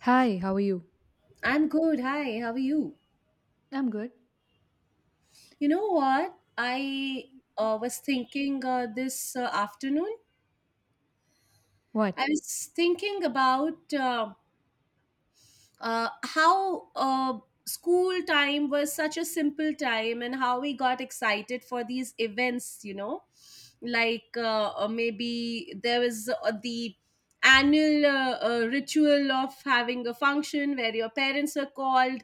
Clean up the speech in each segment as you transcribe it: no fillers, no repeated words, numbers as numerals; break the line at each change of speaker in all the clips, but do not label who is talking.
Hi, how are you?
I'm good. Hi, how are you?
I'm good.
You know what? I was thinking, this afternoon.
What?
I was thinking about how school time was such a simple time and how we got excited for these events, you know, like maybe there was, the annual ritual of having a function where your parents were called,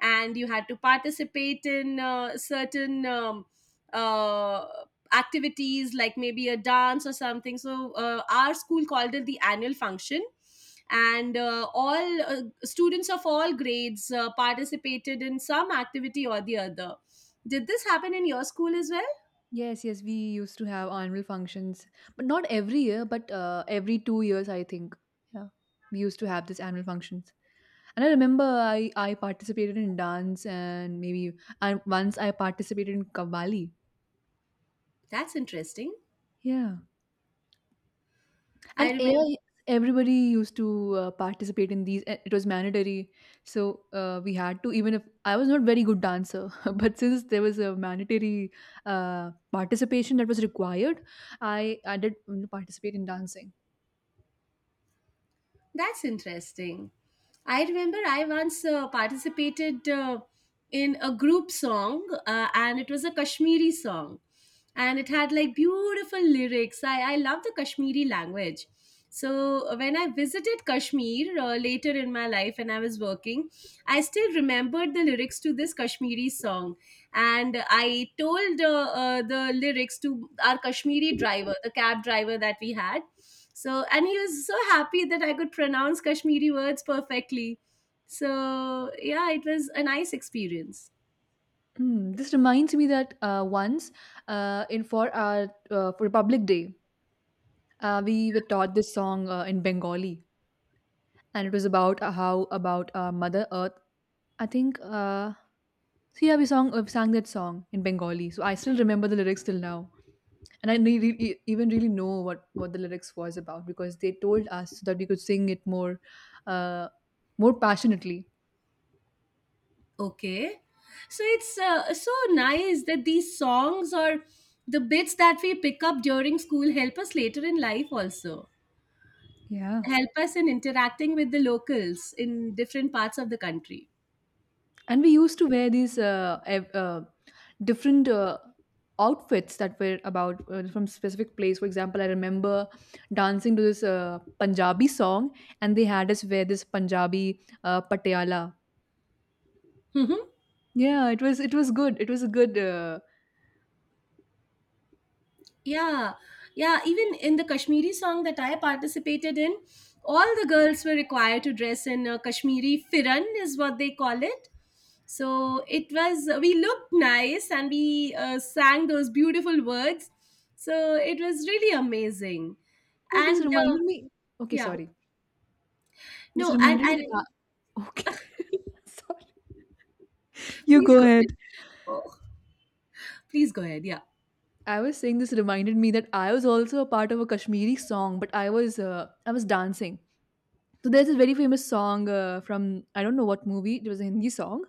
and you had to participate in certain uh, activities like maybe a dance or something. So our school called it the annual function, and all students of all grades participated in some activity or the other. Did this happen in your school as well?
Yes, yes, we used to have annual functions, but not every year, but every 2 years, I think. Yeah, we used to have this annual functions, and I remember I participated in dance and maybe and once I participated in Kavali.
That's interesting.
Yeah.
I
And
remember.
AI, everybody used to participate in these. It was mandatory, so we had to. Even if I was not very good dancer, but since there was a mandatory participation that was required, I I did participate in dancing.
That's interesting. I remember I once participated, in a group song, and it was a Kashmiri song, and it had like beautiful lyrics. I love the Kashmiri language. So when I visited Kashmir later in my life, and I was working, I still remembered the lyrics to this Kashmiri song, and I told the lyrics to our Kashmiri driver, the cab driver that we had. So, and he was so happy that I could pronounce Kashmiri words perfectly. So, yeah, it was a nice experience.
This reminds me that once in for our for Republic Day, we were taught this song in Bengali, and it was about how about Mother Earth. I think. Sia Bisong sang that song in Bengali, so I still remember the lyrics till now, and I ne- re- e- even really know what the lyrics was about because they told us so that we could sing it more, uh, more passionately.
Okay. So, it's so nice that these songs or the bits that we pick up during school help us later in life also,
Yeah,
help us in interacting with the locals in different parts of the country.
and we used to wear these different outfits that were about from specific place. For example, I remember dancing to this Punjabi song, and they had us wear this Punjabi patiala.
Hmm.
Yeah, it was good. It was a good.
Yeah, yeah. Even in the Kashmiri song that I participated in, all the girls were required to dress in a Kashmiri firan, is what they call it. So it was, we looked nice and we sang those beautiful words. So it was really amazing.
Oh, this
And
reminded me okay,
yeah,
sorry. This
no, and,
reminded me
and
that I okay. Sorry. You
please
go
go ahead.
ahead.
Oh, please go ahead. Yeah.
I was saying this reminded me that I was also a part of a Kashmiri song, but I was dancing. So there's this very famous song from I don't know what movie. It was a Hindi song,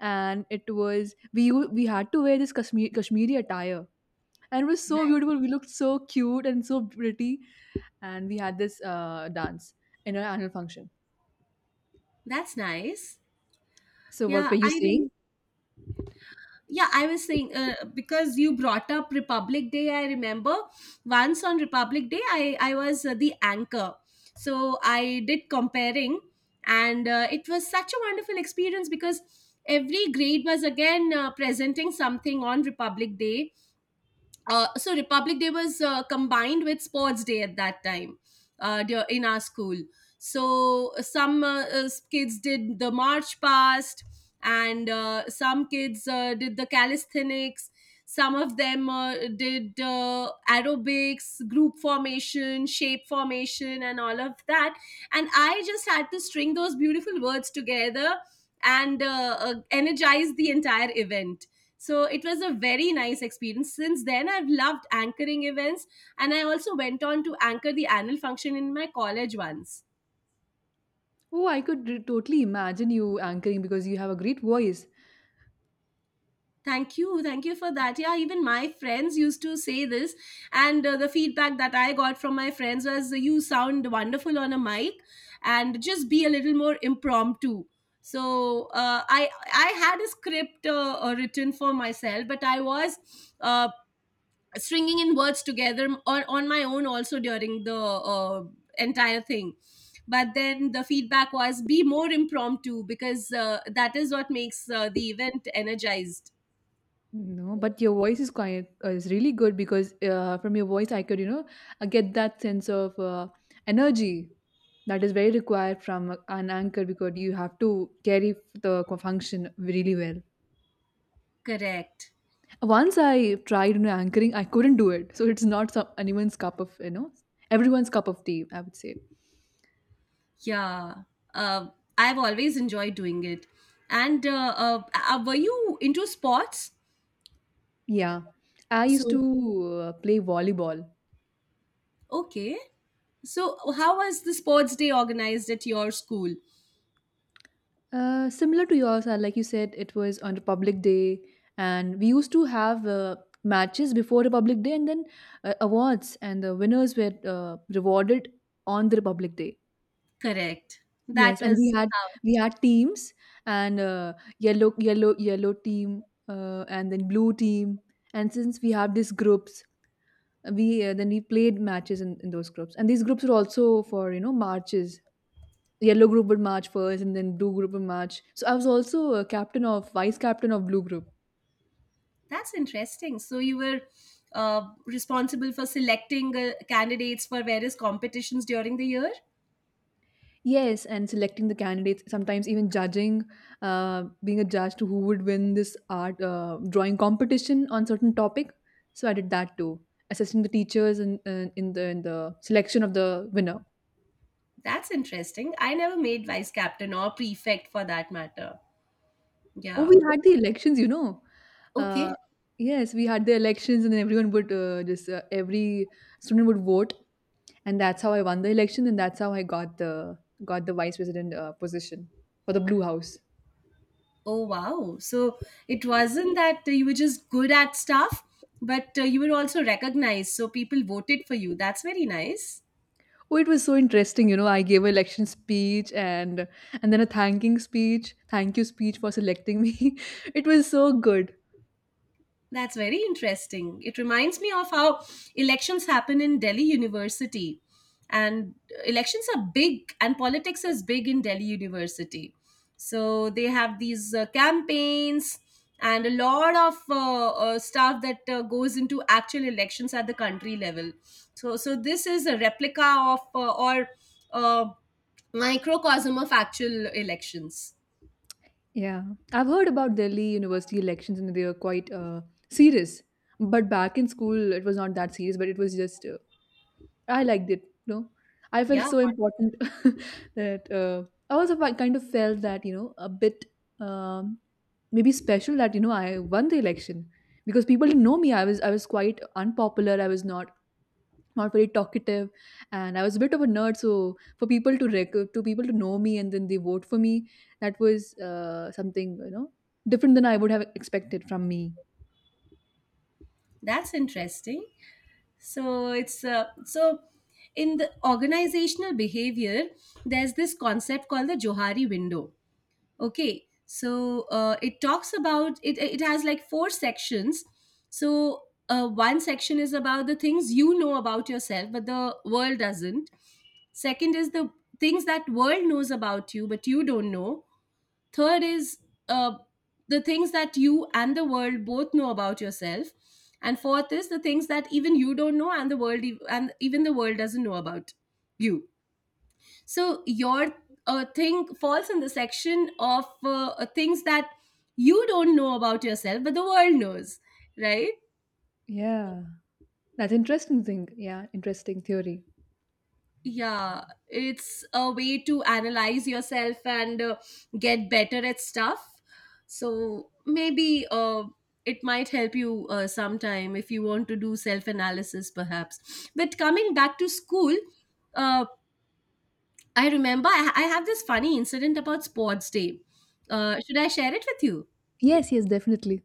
and it was we u- we had to wear this Kashmiri attire, and it was so
Right.
beautiful. We looked so cute and so pretty, and we had this dance in our annual function.
That's nice.
So what
Yeah,
were you
I
saying?
remember. Yeah, I was saying, because you brought up Republic Day, I remember once on Republic Day, I was the anchor. So I did comparing, and it was such a wonderful experience because every grade was again presenting something on Republic Day. So Republic Day was combined with Sports Day at that time, in our school. So some kids did the march past, and some kids did the calisthenics. Some of them did aerobics, group formation, shape formation, and all of that. And I just had to string those beautiful words together and energize the entire event. So it was a very nice experience. Since then, I've loved anchoring events, and I also went on to anchor the annual function in my college once.
Oh, I could totally imagine you anchoring because you have a great voice.
Thank you for that. Yeah, even my friends used to say this, and the feedback that I got from my friends was, "You sound wonderful on a mic, and just be a little more impromptu." So I had a script written for myself, but I was. Uh, Stringing in words together or on my own also during the entire thing. But then the feedback was, be more impromptu because that is what makes the event energized.
No, but your voice is quite is really good because from your voice I could you know get that sense of energy that is very required from an anchor because you have to carry the function really well.
Correct.
Once I tried, you know, anchoring, I couldn't do it, so it's not some anyone's cup of, you know, everyone's cup of tea. I would say,
Yeah. uh, I've always enjoyed doing it. And were you into sports?
yeah. I used
So,
to play volleyball.
okay, so how was the sports day organized at your school?
Similar to yours, like you said, it was on Republic Day, and we used to have matches before Republic Day, and then awards, and the winners were rewarded on the Republic Day.
Correct. That
Yes, and
was—
we had teams, and yellow team, and then blue team, and since we have these groups, we then we played matches in those groups, and these groups were also for, you know, marches. Yellow group would march first and then blue group would march, so I was also a captain of vice captain of blue group.
That's interesting. So you were responsible for selecting candidates for various competitions during the year.
Yes, and selecting the candidates, sometimes even judging, being a judge to who would win this art drawing competition on certain topic, so I did that too, assisting the teachers in the selection of the winner.
That's interesting. I never made vice captain or prefect for that matter.
Oh,
Yeah.
we had the elections, you know. Uh,
Okay.
yes, we had the elections, and then everyone would just every student would vote, and that's how I won the election, and that's how I got the vice president position for the Blue House.
Oh wow. So it wasn't that you were just good at stuff, but you were also recognized. So people voted for you. That's very nice.
Oh, it was so interesting, you know. I gave an election speech and then thank you speech for selecting me. It was so good.
That's very interesting. It reminds me of how elections happen in Delhi University. And elections are big, and politics is big in Delhi University. So they have these campaigns and a lot of stuff that goes into actual elections at the country level. So, so this is a replica of, or uh, microcosm of actual elections.
Yeah, I've heard about Delhi university elections, and they are quite serious. But back in school, it was not that serious, but it was just I liked it. You know, I felt
Yeah,
so important. that I also kind of felt that, you know, a bit um, maybe special that, you know, I won the election because people didn't know me. I was quite unpopular. I was not Not very talkative, and I was a bit of a nerd. So for people to know me and then they vote for me, that was something, you know, different than I would have expected from me.
that's interesting. So it's, so in the organizational behavior, there's this concept called the Johari window. Okay, so it talks about it. It has like four sections. So one section is about the things you know about yourself but the world doesn't. Second is the things that world knows about you but you don't know. Third is, uh, the things that you and the world both know about yourself. And fourth is the things that even you don't know and and even the world doesn't know about you. So your thing falls in the section of things that you don't know about yourself, but the world knows, right?
Yeah, that's interesting thing. Yeah, interesting theory.
Yeah, it's a way to analyze yourself and get better at stuff. So maybe it might help you sometime if you want to do self analysis perhaps. But coming back to school, uh, I remember, I have this funny incident about sports day. Should I share it with you?
Yes, yes, definitely.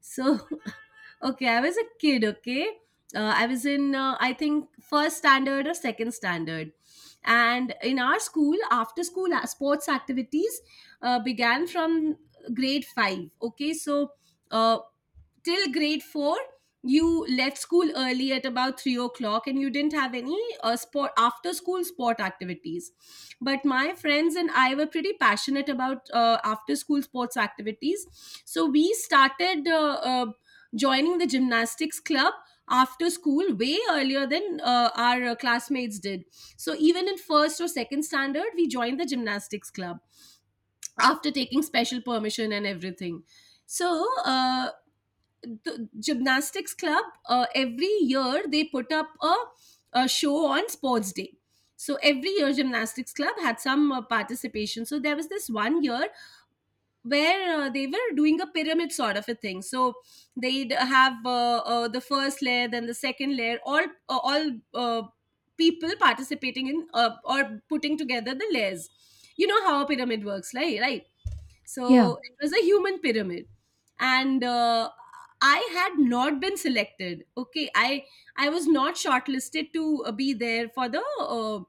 So, okay, I was a kid, okay? I was in, I think, first standard or second standard. And in our school, after school sports activities began from grade five, okay? So, uh, till grade four you left school early at about 3 o'clock and you didn't have any sport after school sport activities. But my friends and I were pretty passionate about after school sports activities. So we started joining the gymnastics club after school way earlier than our classmates did. So even in first or second standard we joined the gymnastics club after taking special permission and everything. So uh, the gymnastics club, every year they put up a show on sports day. So every year gymnastics club had some participation. So there was this one year where they were doing a pyramid sort of a thing. So they'd have the first layer, then the second layer, all people participating in, or putting together the layers. You know how a pyramid works, right? Right.
Yeah.
So it was a human pyramid, and I had not been selected. Okay, I was not shortlisted to be there for the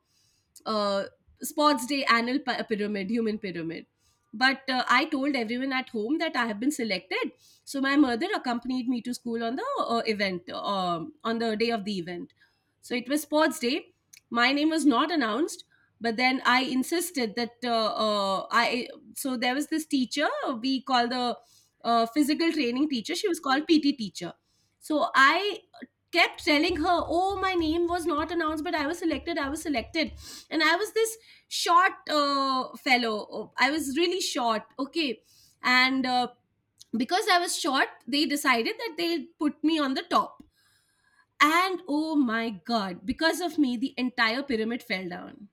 uh, sports day annual pyramid, human pyramid. But I told everyone at home that I have been selected. So my mother accompanied me to school on the event, on the day of the event. So it was sports day. My name was not announced, but then I insisted that I— so there was this teacher, we call the physical training teacher, she was called PT teacher. So I kept telling her, oh, my name was not announced but I was selected, I was selected. And I was this short fellow, I was really short, okay. And because I was short, they decided that they'll put me on the top. And oh my god, because of me the entire pyramid fell down.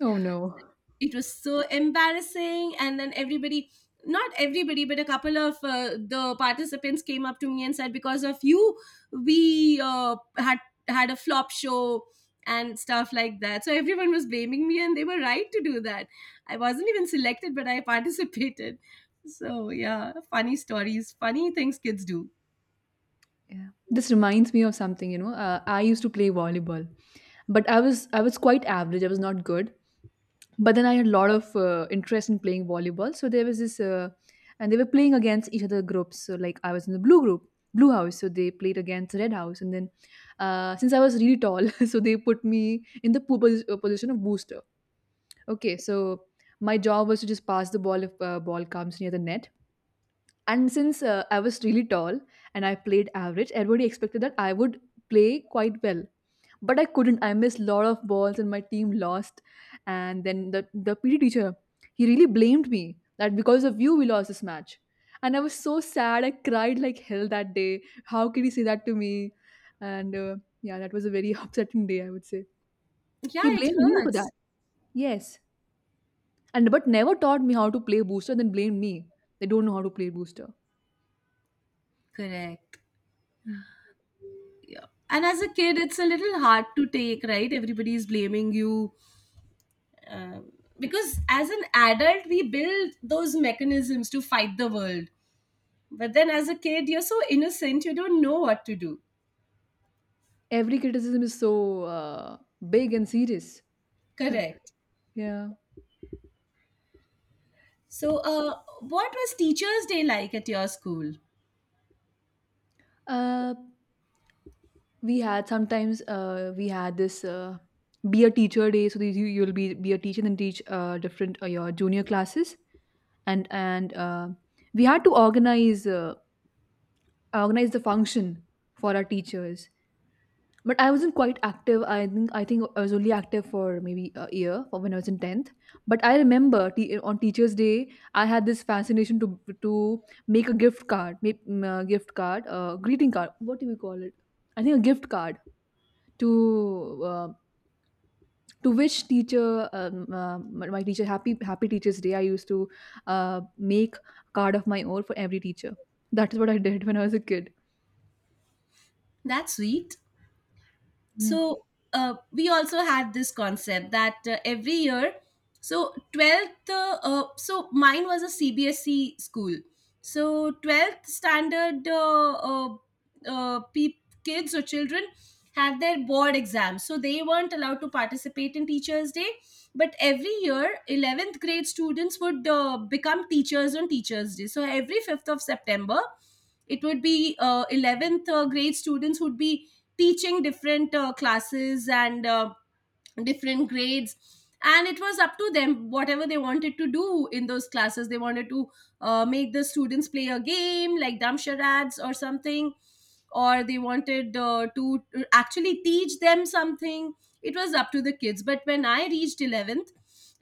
Oh no.
It was so embarrassing and then everybody, not everybody, but a couple of the participants came up to me and said, because of you we had a flop show and stuff like that. So everyone was blaming me and they were right to do that. I wasn't even selected but I participated. So yeah, funny stories, funny things kids do.
Yeah. This reminds me of something, you know. I used to play volleyball, but I was quite average. I was not good. But then I had a lot of interest in playing volleyball. So there was this and they were playing against each other groups. So like I was in the blue group, blue house, so they played against red house and then since I was really tall, so they put me in the position of booster. Okay, so my job was to just pass the ball if ball comes near the net. And since I was really tall and I played average, everybody expected that I would play quite well. But I couldn't. I missed a lot of balls and my team lost. And then the PD teacher, he really blamed me that because of you, we lost this match. And I was so sad. I cried like hell that day. How could he say that to me? And Yeah, that was a very upsetting day, I would say. He
Yeah, it
blamed me for that.
hurts.
Yes. And but never taught me how to play booster, then blamed me. They don't know how to play booster.
Correct.
Hmm.
And as a kid it's a little hard to take, right? Everybody is blaming you. um, because as an adult we build those mechanisms to fight the world, but then as a kid you're so innocent, you don't know what to do.
Every criticism is so uh, big and serious.
Correct.
Yeah.
So what was Teachers' Day like at your school?
Uh, we had this be a teacher day. So these, you'll be a teacher and teach different your junior classes and we had to organize organize the function for our teachers. But I wasn't quite active. I think I was only active for maybe a year for when I was in tenth. But I remember on Teachers' Day, I had this fascination to make a gift card, make a gift card, a greeting card. What do we call it? I think a gift card to uh, to wish teacher my teacher happy Teachers' Day. I used to make a card of my own for every teacher. That is what I did when I was a kid.
That's sweet. So we also had this concept that every year, so 12th, so mine was a CBSE school. So 12th standard peop kids or children had their board exams, so they weren't allowed to participate in Teachers' Day. But every year 11th grade students would become teachers on Teachers' Day. So every 5th of September it would be, 11th grade students would be teaching different classes, and different grades. And it was up to them, whatever they wanted to do in those classes. They wanted to make the students play a game like dumb charades or something, or they wanted, to actually teach them something. It was up to the kids. But when I reached 11th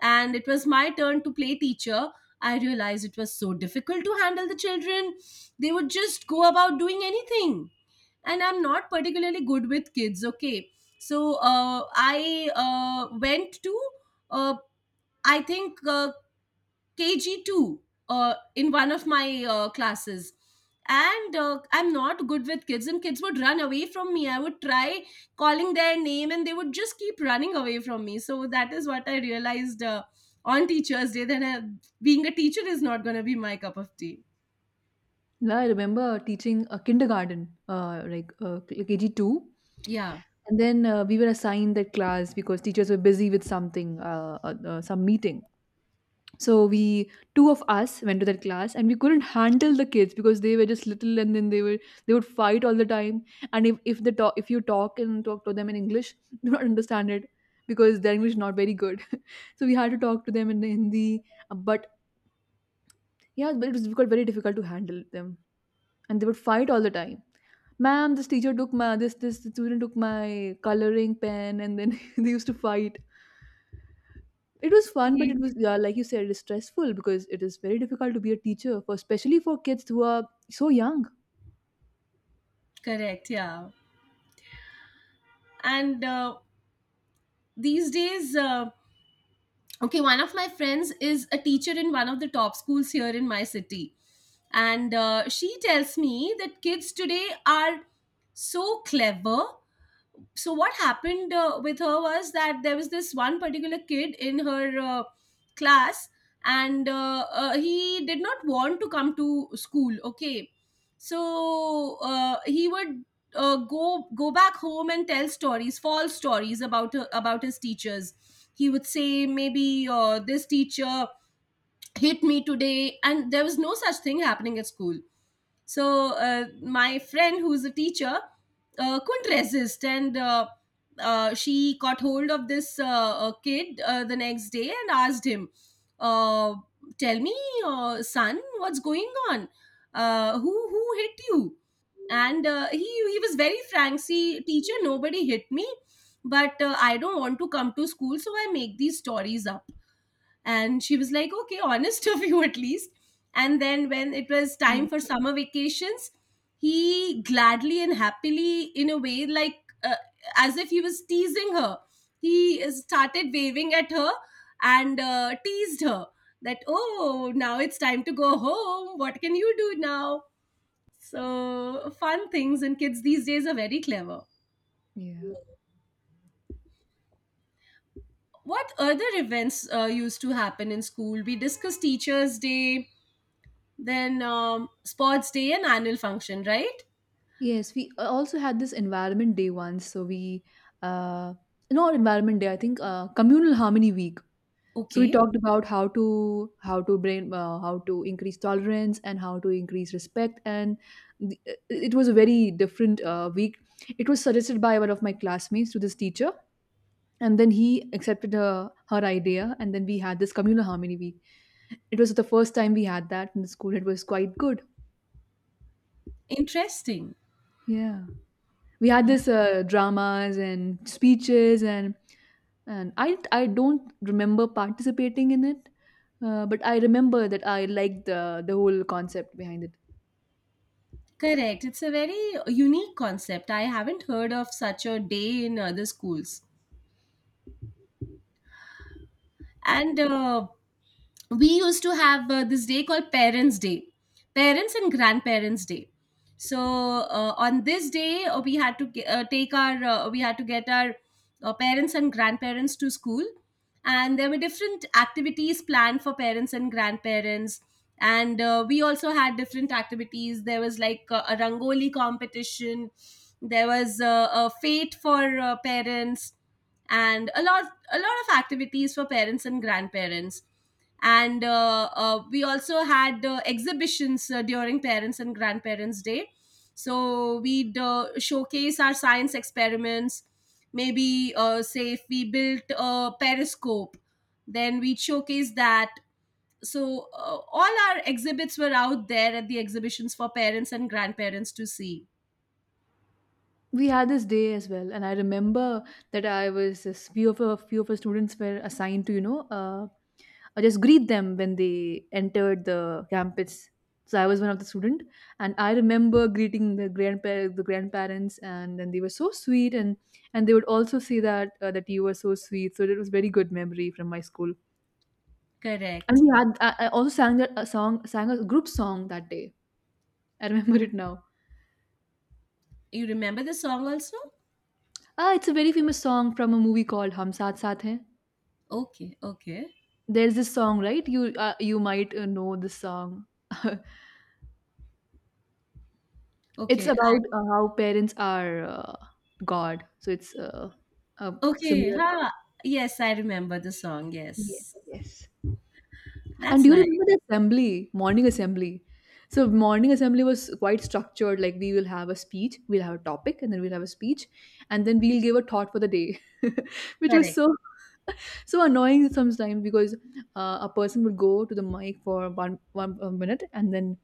and it was my turn to play teacher, I realized it was so difficult to handle the children. They would just go about doing anything. And I'm not particularly good with kids, okay. So I went to, uh, I think KG2 in one of my classes. And I'm not good with kids, and kids would run away from me. I would try calling their name, and they would just keep running away from me. So that is what I realized, on Teachers' Day, that being a teacher is not going to be my cup of tea.
No, I remember teaching a kindergarten, like KG two,
Yeah.
and then we were assigned that class because teachers were busy with something, some meeting. So we two of us went to that class, and we couldn't handle the kids because they were just little, and then they would fight all the time. And if you talk and talk to them in English, do not understand it because their English is not very good. So we had to talk to them in the Hindi, but yeah, but it was got very difficult to handle them, and they would fight all the time. Ma'am, this teacher took my, this student took my coloring pen, and then they used to fight. It was fun, but it
Same.
was, yeah, like you said, it is stressful because it is very difficult to be a teacher for, especially for kids who are so young.
Correct, yeah. And these days, okay, one of my friends is a teacher in one of the top schools here in my city. And she tells me that kids today are so clever. So what happened with her was that there was this one particular kid in her class. And he did not want to come to school, okay. So he would go back home and tell stories, false stories about his teachers. He would say, maybe this teacher hit me today, and there was no such thing happening at school. So my friend, who's a teacher, couldn't resist, and she got hold of this kid the next day and asked him, uh, "Tell me, son, what's going on? Who hit you?" And he was very frank. See, teacher, nobody hit me, but I don't want to come to school, so I make these stories up. And she was like, okay, honest of you at least. And then, when it was
Mm.
time for summer vacations, he gladly and happily, in a way, like, uh, as if he was teasing her, he started waving at her and teased her that, oh, now it's time to go home. What can you do now? So, fun things, and kids these days are very clever.
Yeah,
What other events used to happen in school? We discussed Teachers' Day. Then sports day and annual function, right?
yes, we a- also had this environment day once, so we uh not environment day, I think, communal harmony week. So we
Okay.
talked about how to brain how to increase tolerance and how to increase respect, and it was a very different week. It was suggested by one of my classmates to this teacher, and then he accepted her idea, and then we had this communal harmony week. It was the first time we had that in the school. It was quite good.
Interesting.
Yeah, we had
Yeah.
this dramas and speeches and I don't remember participating in it, but I remember that I liked the whole concept behind it.
Correct. It's a very unique concept. I haven't heard of such a day in other schools. And we used to have this day called parents day, parents and grandparents day. So on this day, we had to ge- take our we had to get our parents and grandparents to school. And there were different activities planned for parents and grandparents. And we also had different activities. There was like a rangoli competition. There was a fate for parents, and a lot of activities for parents and grandparents. And we also had exhibitions during parents and grandparents day. So we'd showcase our science experiments. Maybe say if we built a periscope, then we'd showcase that. So all our exhibits were out there at the exhibitions for parents and grandparents to see.
We had this day as well, and I remember that I was a few of our students were assigned to, you know, just greet them when they entered the campus. So I was one of the student, and I remember greeting the grandparents, and then they were so sweet, and they would also say that that you were so sweet. So it was very good memory from my school. And
Correct.
we had I also sang that a song sang a group song that day. I remember it now.
You remember the song also?
Ah, it's a very famous song from a movie called Hum Saath Saath Hain.
Okay, okay.
There's this song, right? You you might know this song. It's
Okay. I-
about how parents are God. So it's uh,
Okay,
similar.
huh. Yes, I remember the song,
Yes,
yes.
yes. And
That's
do you
nice.
remember the assembly, morning assembly? So morning assembly was quite structured. Like we will have a speech, we'll have a topic, and then we'll have a speech, and then we'll give a thought for the day, which was
Correct.
so annoying sometimes because a person will go to the mic for one minute and then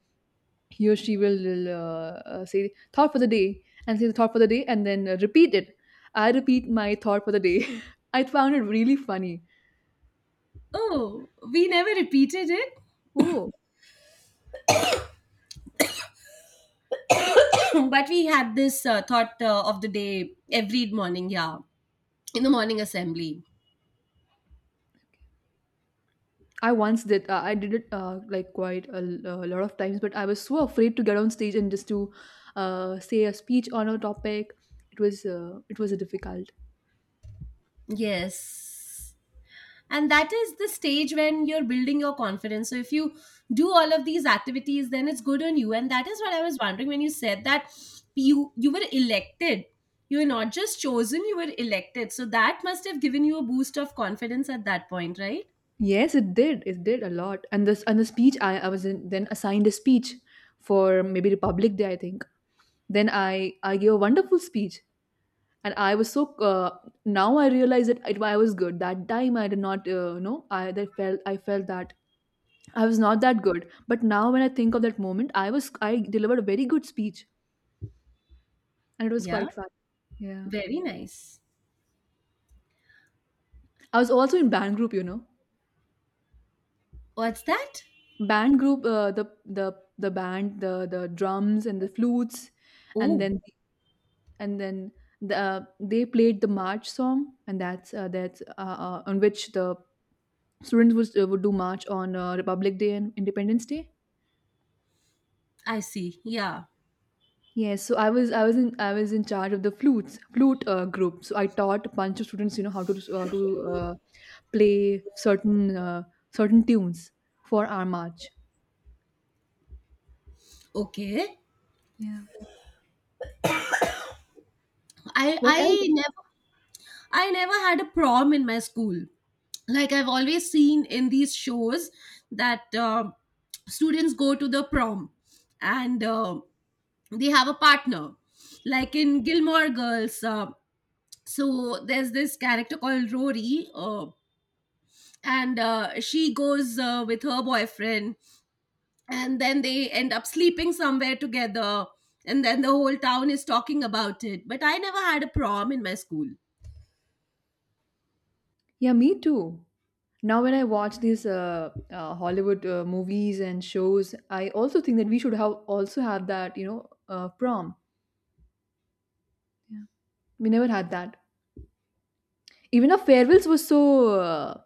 he or she will say thought for the day and say the thought for the day and then repeat it. I repeat my thought for the day. I found it really funny.
Oh, we never repeated it.
Oh,
But we had this thought of the day every morning, yeah, in the morning assembly.
I once did I did it like quite a, a lot of times, but I was so afraid to get on stage and just to say a speech on a topic. It was it was difficult.
Yes. And that is the stage when you're building your confidence. So if you do all of these activities, then it's good on you. And that is what I was wondering when you said that you were elected. You were not just chosen, you were elected. So that must have given you a boost of confidence at that point, right?
Yes, it did. It did a lot. And this and the speech I was in, then assigned a speech for maybe Republic Day, I think. Then I gave a wonderful speech, and I was so now I realize that I was good that time. I did not you know I felt that I was not that good. But now when I think of that moment, I delivered a very good speech, and it was
Yeah.
quite fun. Yeah,
Very nice.
I was also in band group. You know,
What's that?
band group. The band, the drums and the flutes, and
Oh.
then and then the, they played the march song, and that's on which the students would do march on Republic Day and Independence Day.
I see. Yeah.
Yes, so I was in charge of the flute group. So I taught a bunch of students, you know, how to uh, play certain certain tunes for our march.
Okay.
Yeah,
I
what else?
I never I never had a prom in my school. Like, I've always seen in these shows that students go to the prom and they have a partner. Like in Gilmore Girls, so there's this character called Rory, and she goes with her boyfriend, and then they end up sleeping somewhere together, and then the whole town is talking about it. But I never had a prom in my school.
Yeah, me too. Now, when I watch these Hollywood movies and shows, I also think that we should have also have that, you know, prom. Yeah. We never had that. Even our farewells were so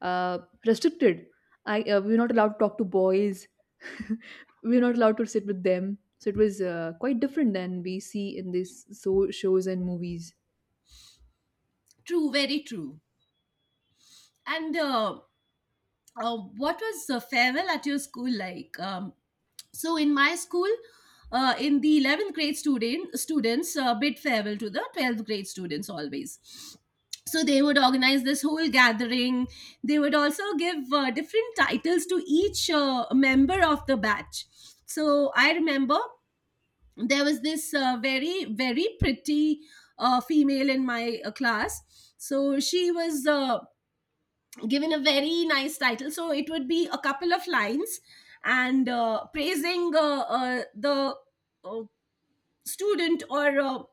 uh, restricted. I We were not allowed to talk to boys. We were not allowed to sit with them. So it was quite different than we see in these shows and movies.
True, very true. And what was the farewell at your school like? So in my school, in the 11th grade students bid farewell to the 12th grade students always. So they would organize this whole gathering. They would also give different titles to each member of the batch. So I remember, there was this very very pretty female in my class. So she was given a very nice title. So it would be a couple of lines, and praising the uh, student, or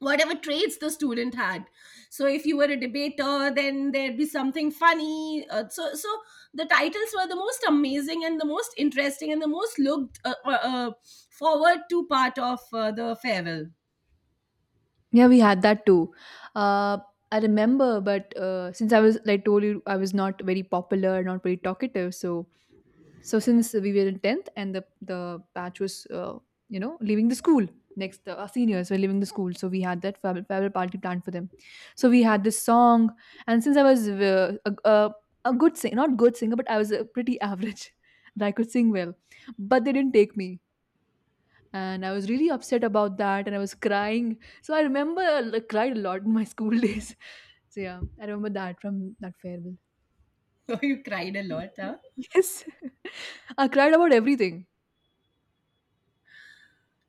whatever traits the student had. So if you were a debater, then there'd be something funny. So the titles were the most amazing and the most interesting and the most looked forward to part of the farewell.
Yeah, we had that too. Uh, I remember, but since I was, like, told you, I was not very popular, not very talkative. So, so since we were in 10th, and the batch was, you know, leaving the school next, our seniors were leaving the school, so we had that farewell party planned for them. So we had this song, and since I was a not good singer, but I was a pretty average, that I could sing well, but they didn't take me, and I was really upset about that, and I was crying. So I remember I cried a lot in my school days. So yeah, I remember that from that farewell.
So you cried a lot, huh?
Yes, I cried about everything.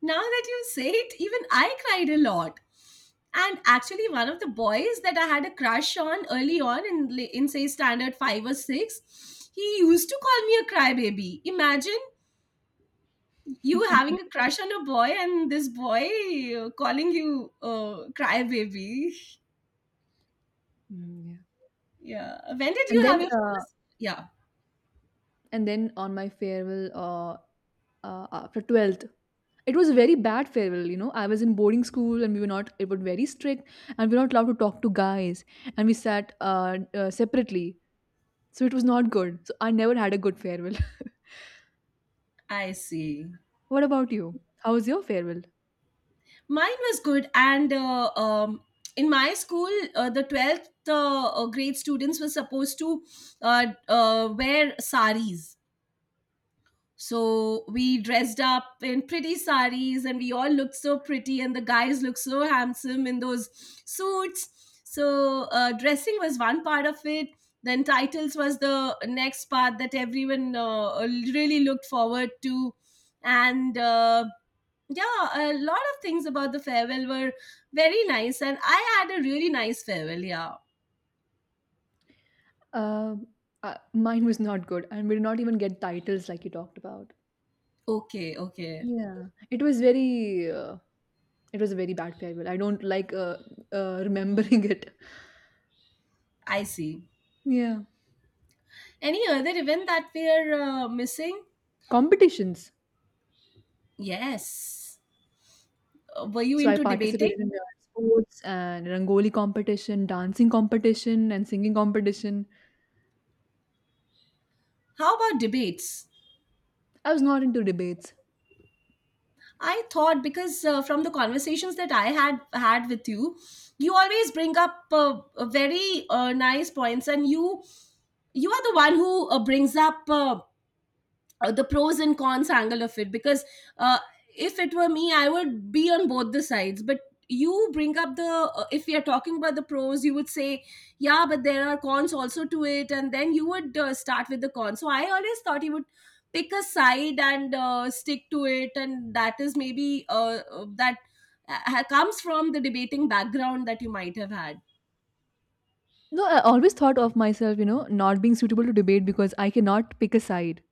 Now that you say it, even I cried a lot. And actually, one of the boys that I had a crush on early on, in say standard 5 or 6, he used to call me a crybaby. Imagine you having a crush on a boy, and this boy calling you crybaby.
Mm, yeah.
Yeah. When did
And
you have
then,
your first? Yeah.
on my farewell, after 12th, it was a very bad farewell. You know, I was in boarding school, and we were not. It was very strict, and we were not allowed to talk to guys, and we sat separately. So it was not good. So I never had a good farewell.
I see.
What about you? How was your farewell?
Mine was good. And in my school, the 12th grade students were supposed to wear saris. So we dressed up in pretty saris, and we all looked so pretty, and the guys looked so handsome in those suits. So, dressing was one part of it. Then, titles was the next part that everyone really looked forward to. And yeah, a lot of things about the farewell were very nice. And I had a really nice farewell. Yeah.
Um, Mine was not good, and we did not even get titles like you talked about.
Okay. Okay.
Yeah, it was very, it was a very bad farewell. I don't like remembering it.
I see.
Yeah,
Any other event that we are missing?
competitions.
Yes. Were you
So I
into
participated
debating?
in the sports and rangoli competition, dancing competition, and singing competition.
How about debates?
I was not into debates.
I thought, because from the conversations that I had had with you, you always bring up very nice points, and you are the one who brings up the pros and cons angle of it, because uh, if it were me, I would be on both the sides. But you bring up the, if we are talking about the pros, you would say, yeah, but there are cons also to it. And then you would start with the cons. So I always thought you would pick a side and stick to it, and that is maybe that comes from the debating background that you might have had.
No, I always thought of myself, you know, not being suitable to debate because I cannot pick a side.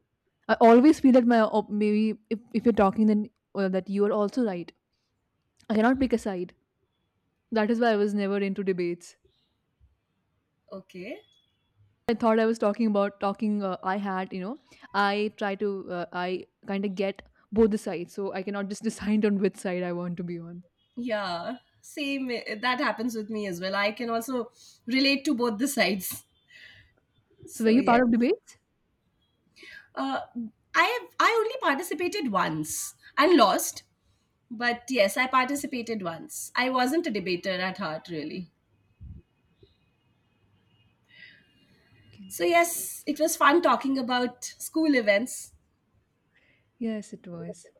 I always feel that my maybe if you're talking, then that you are also right. I cannot pick a side. That is why I was never into debates.
Okay.
I thought I was talking about talking. I had, you know, I kind of get both the sides, so I cannot just decide on which side I want to be on.
Yeah, same. That happens with me as well. I can also relate to both the sides.
So, were
So
you
yeah,
part of debates?
uh, I only participated once and lost, but yes, I participated once. I wasn't a debater at heart, really.
Okay.
So yes, it was fun talking about school events.
Yes, it was.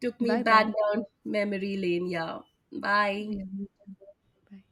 Took me
Bye
back
bye.
down memory lane. Yeah. Bye.
Yeah, me too. Bye.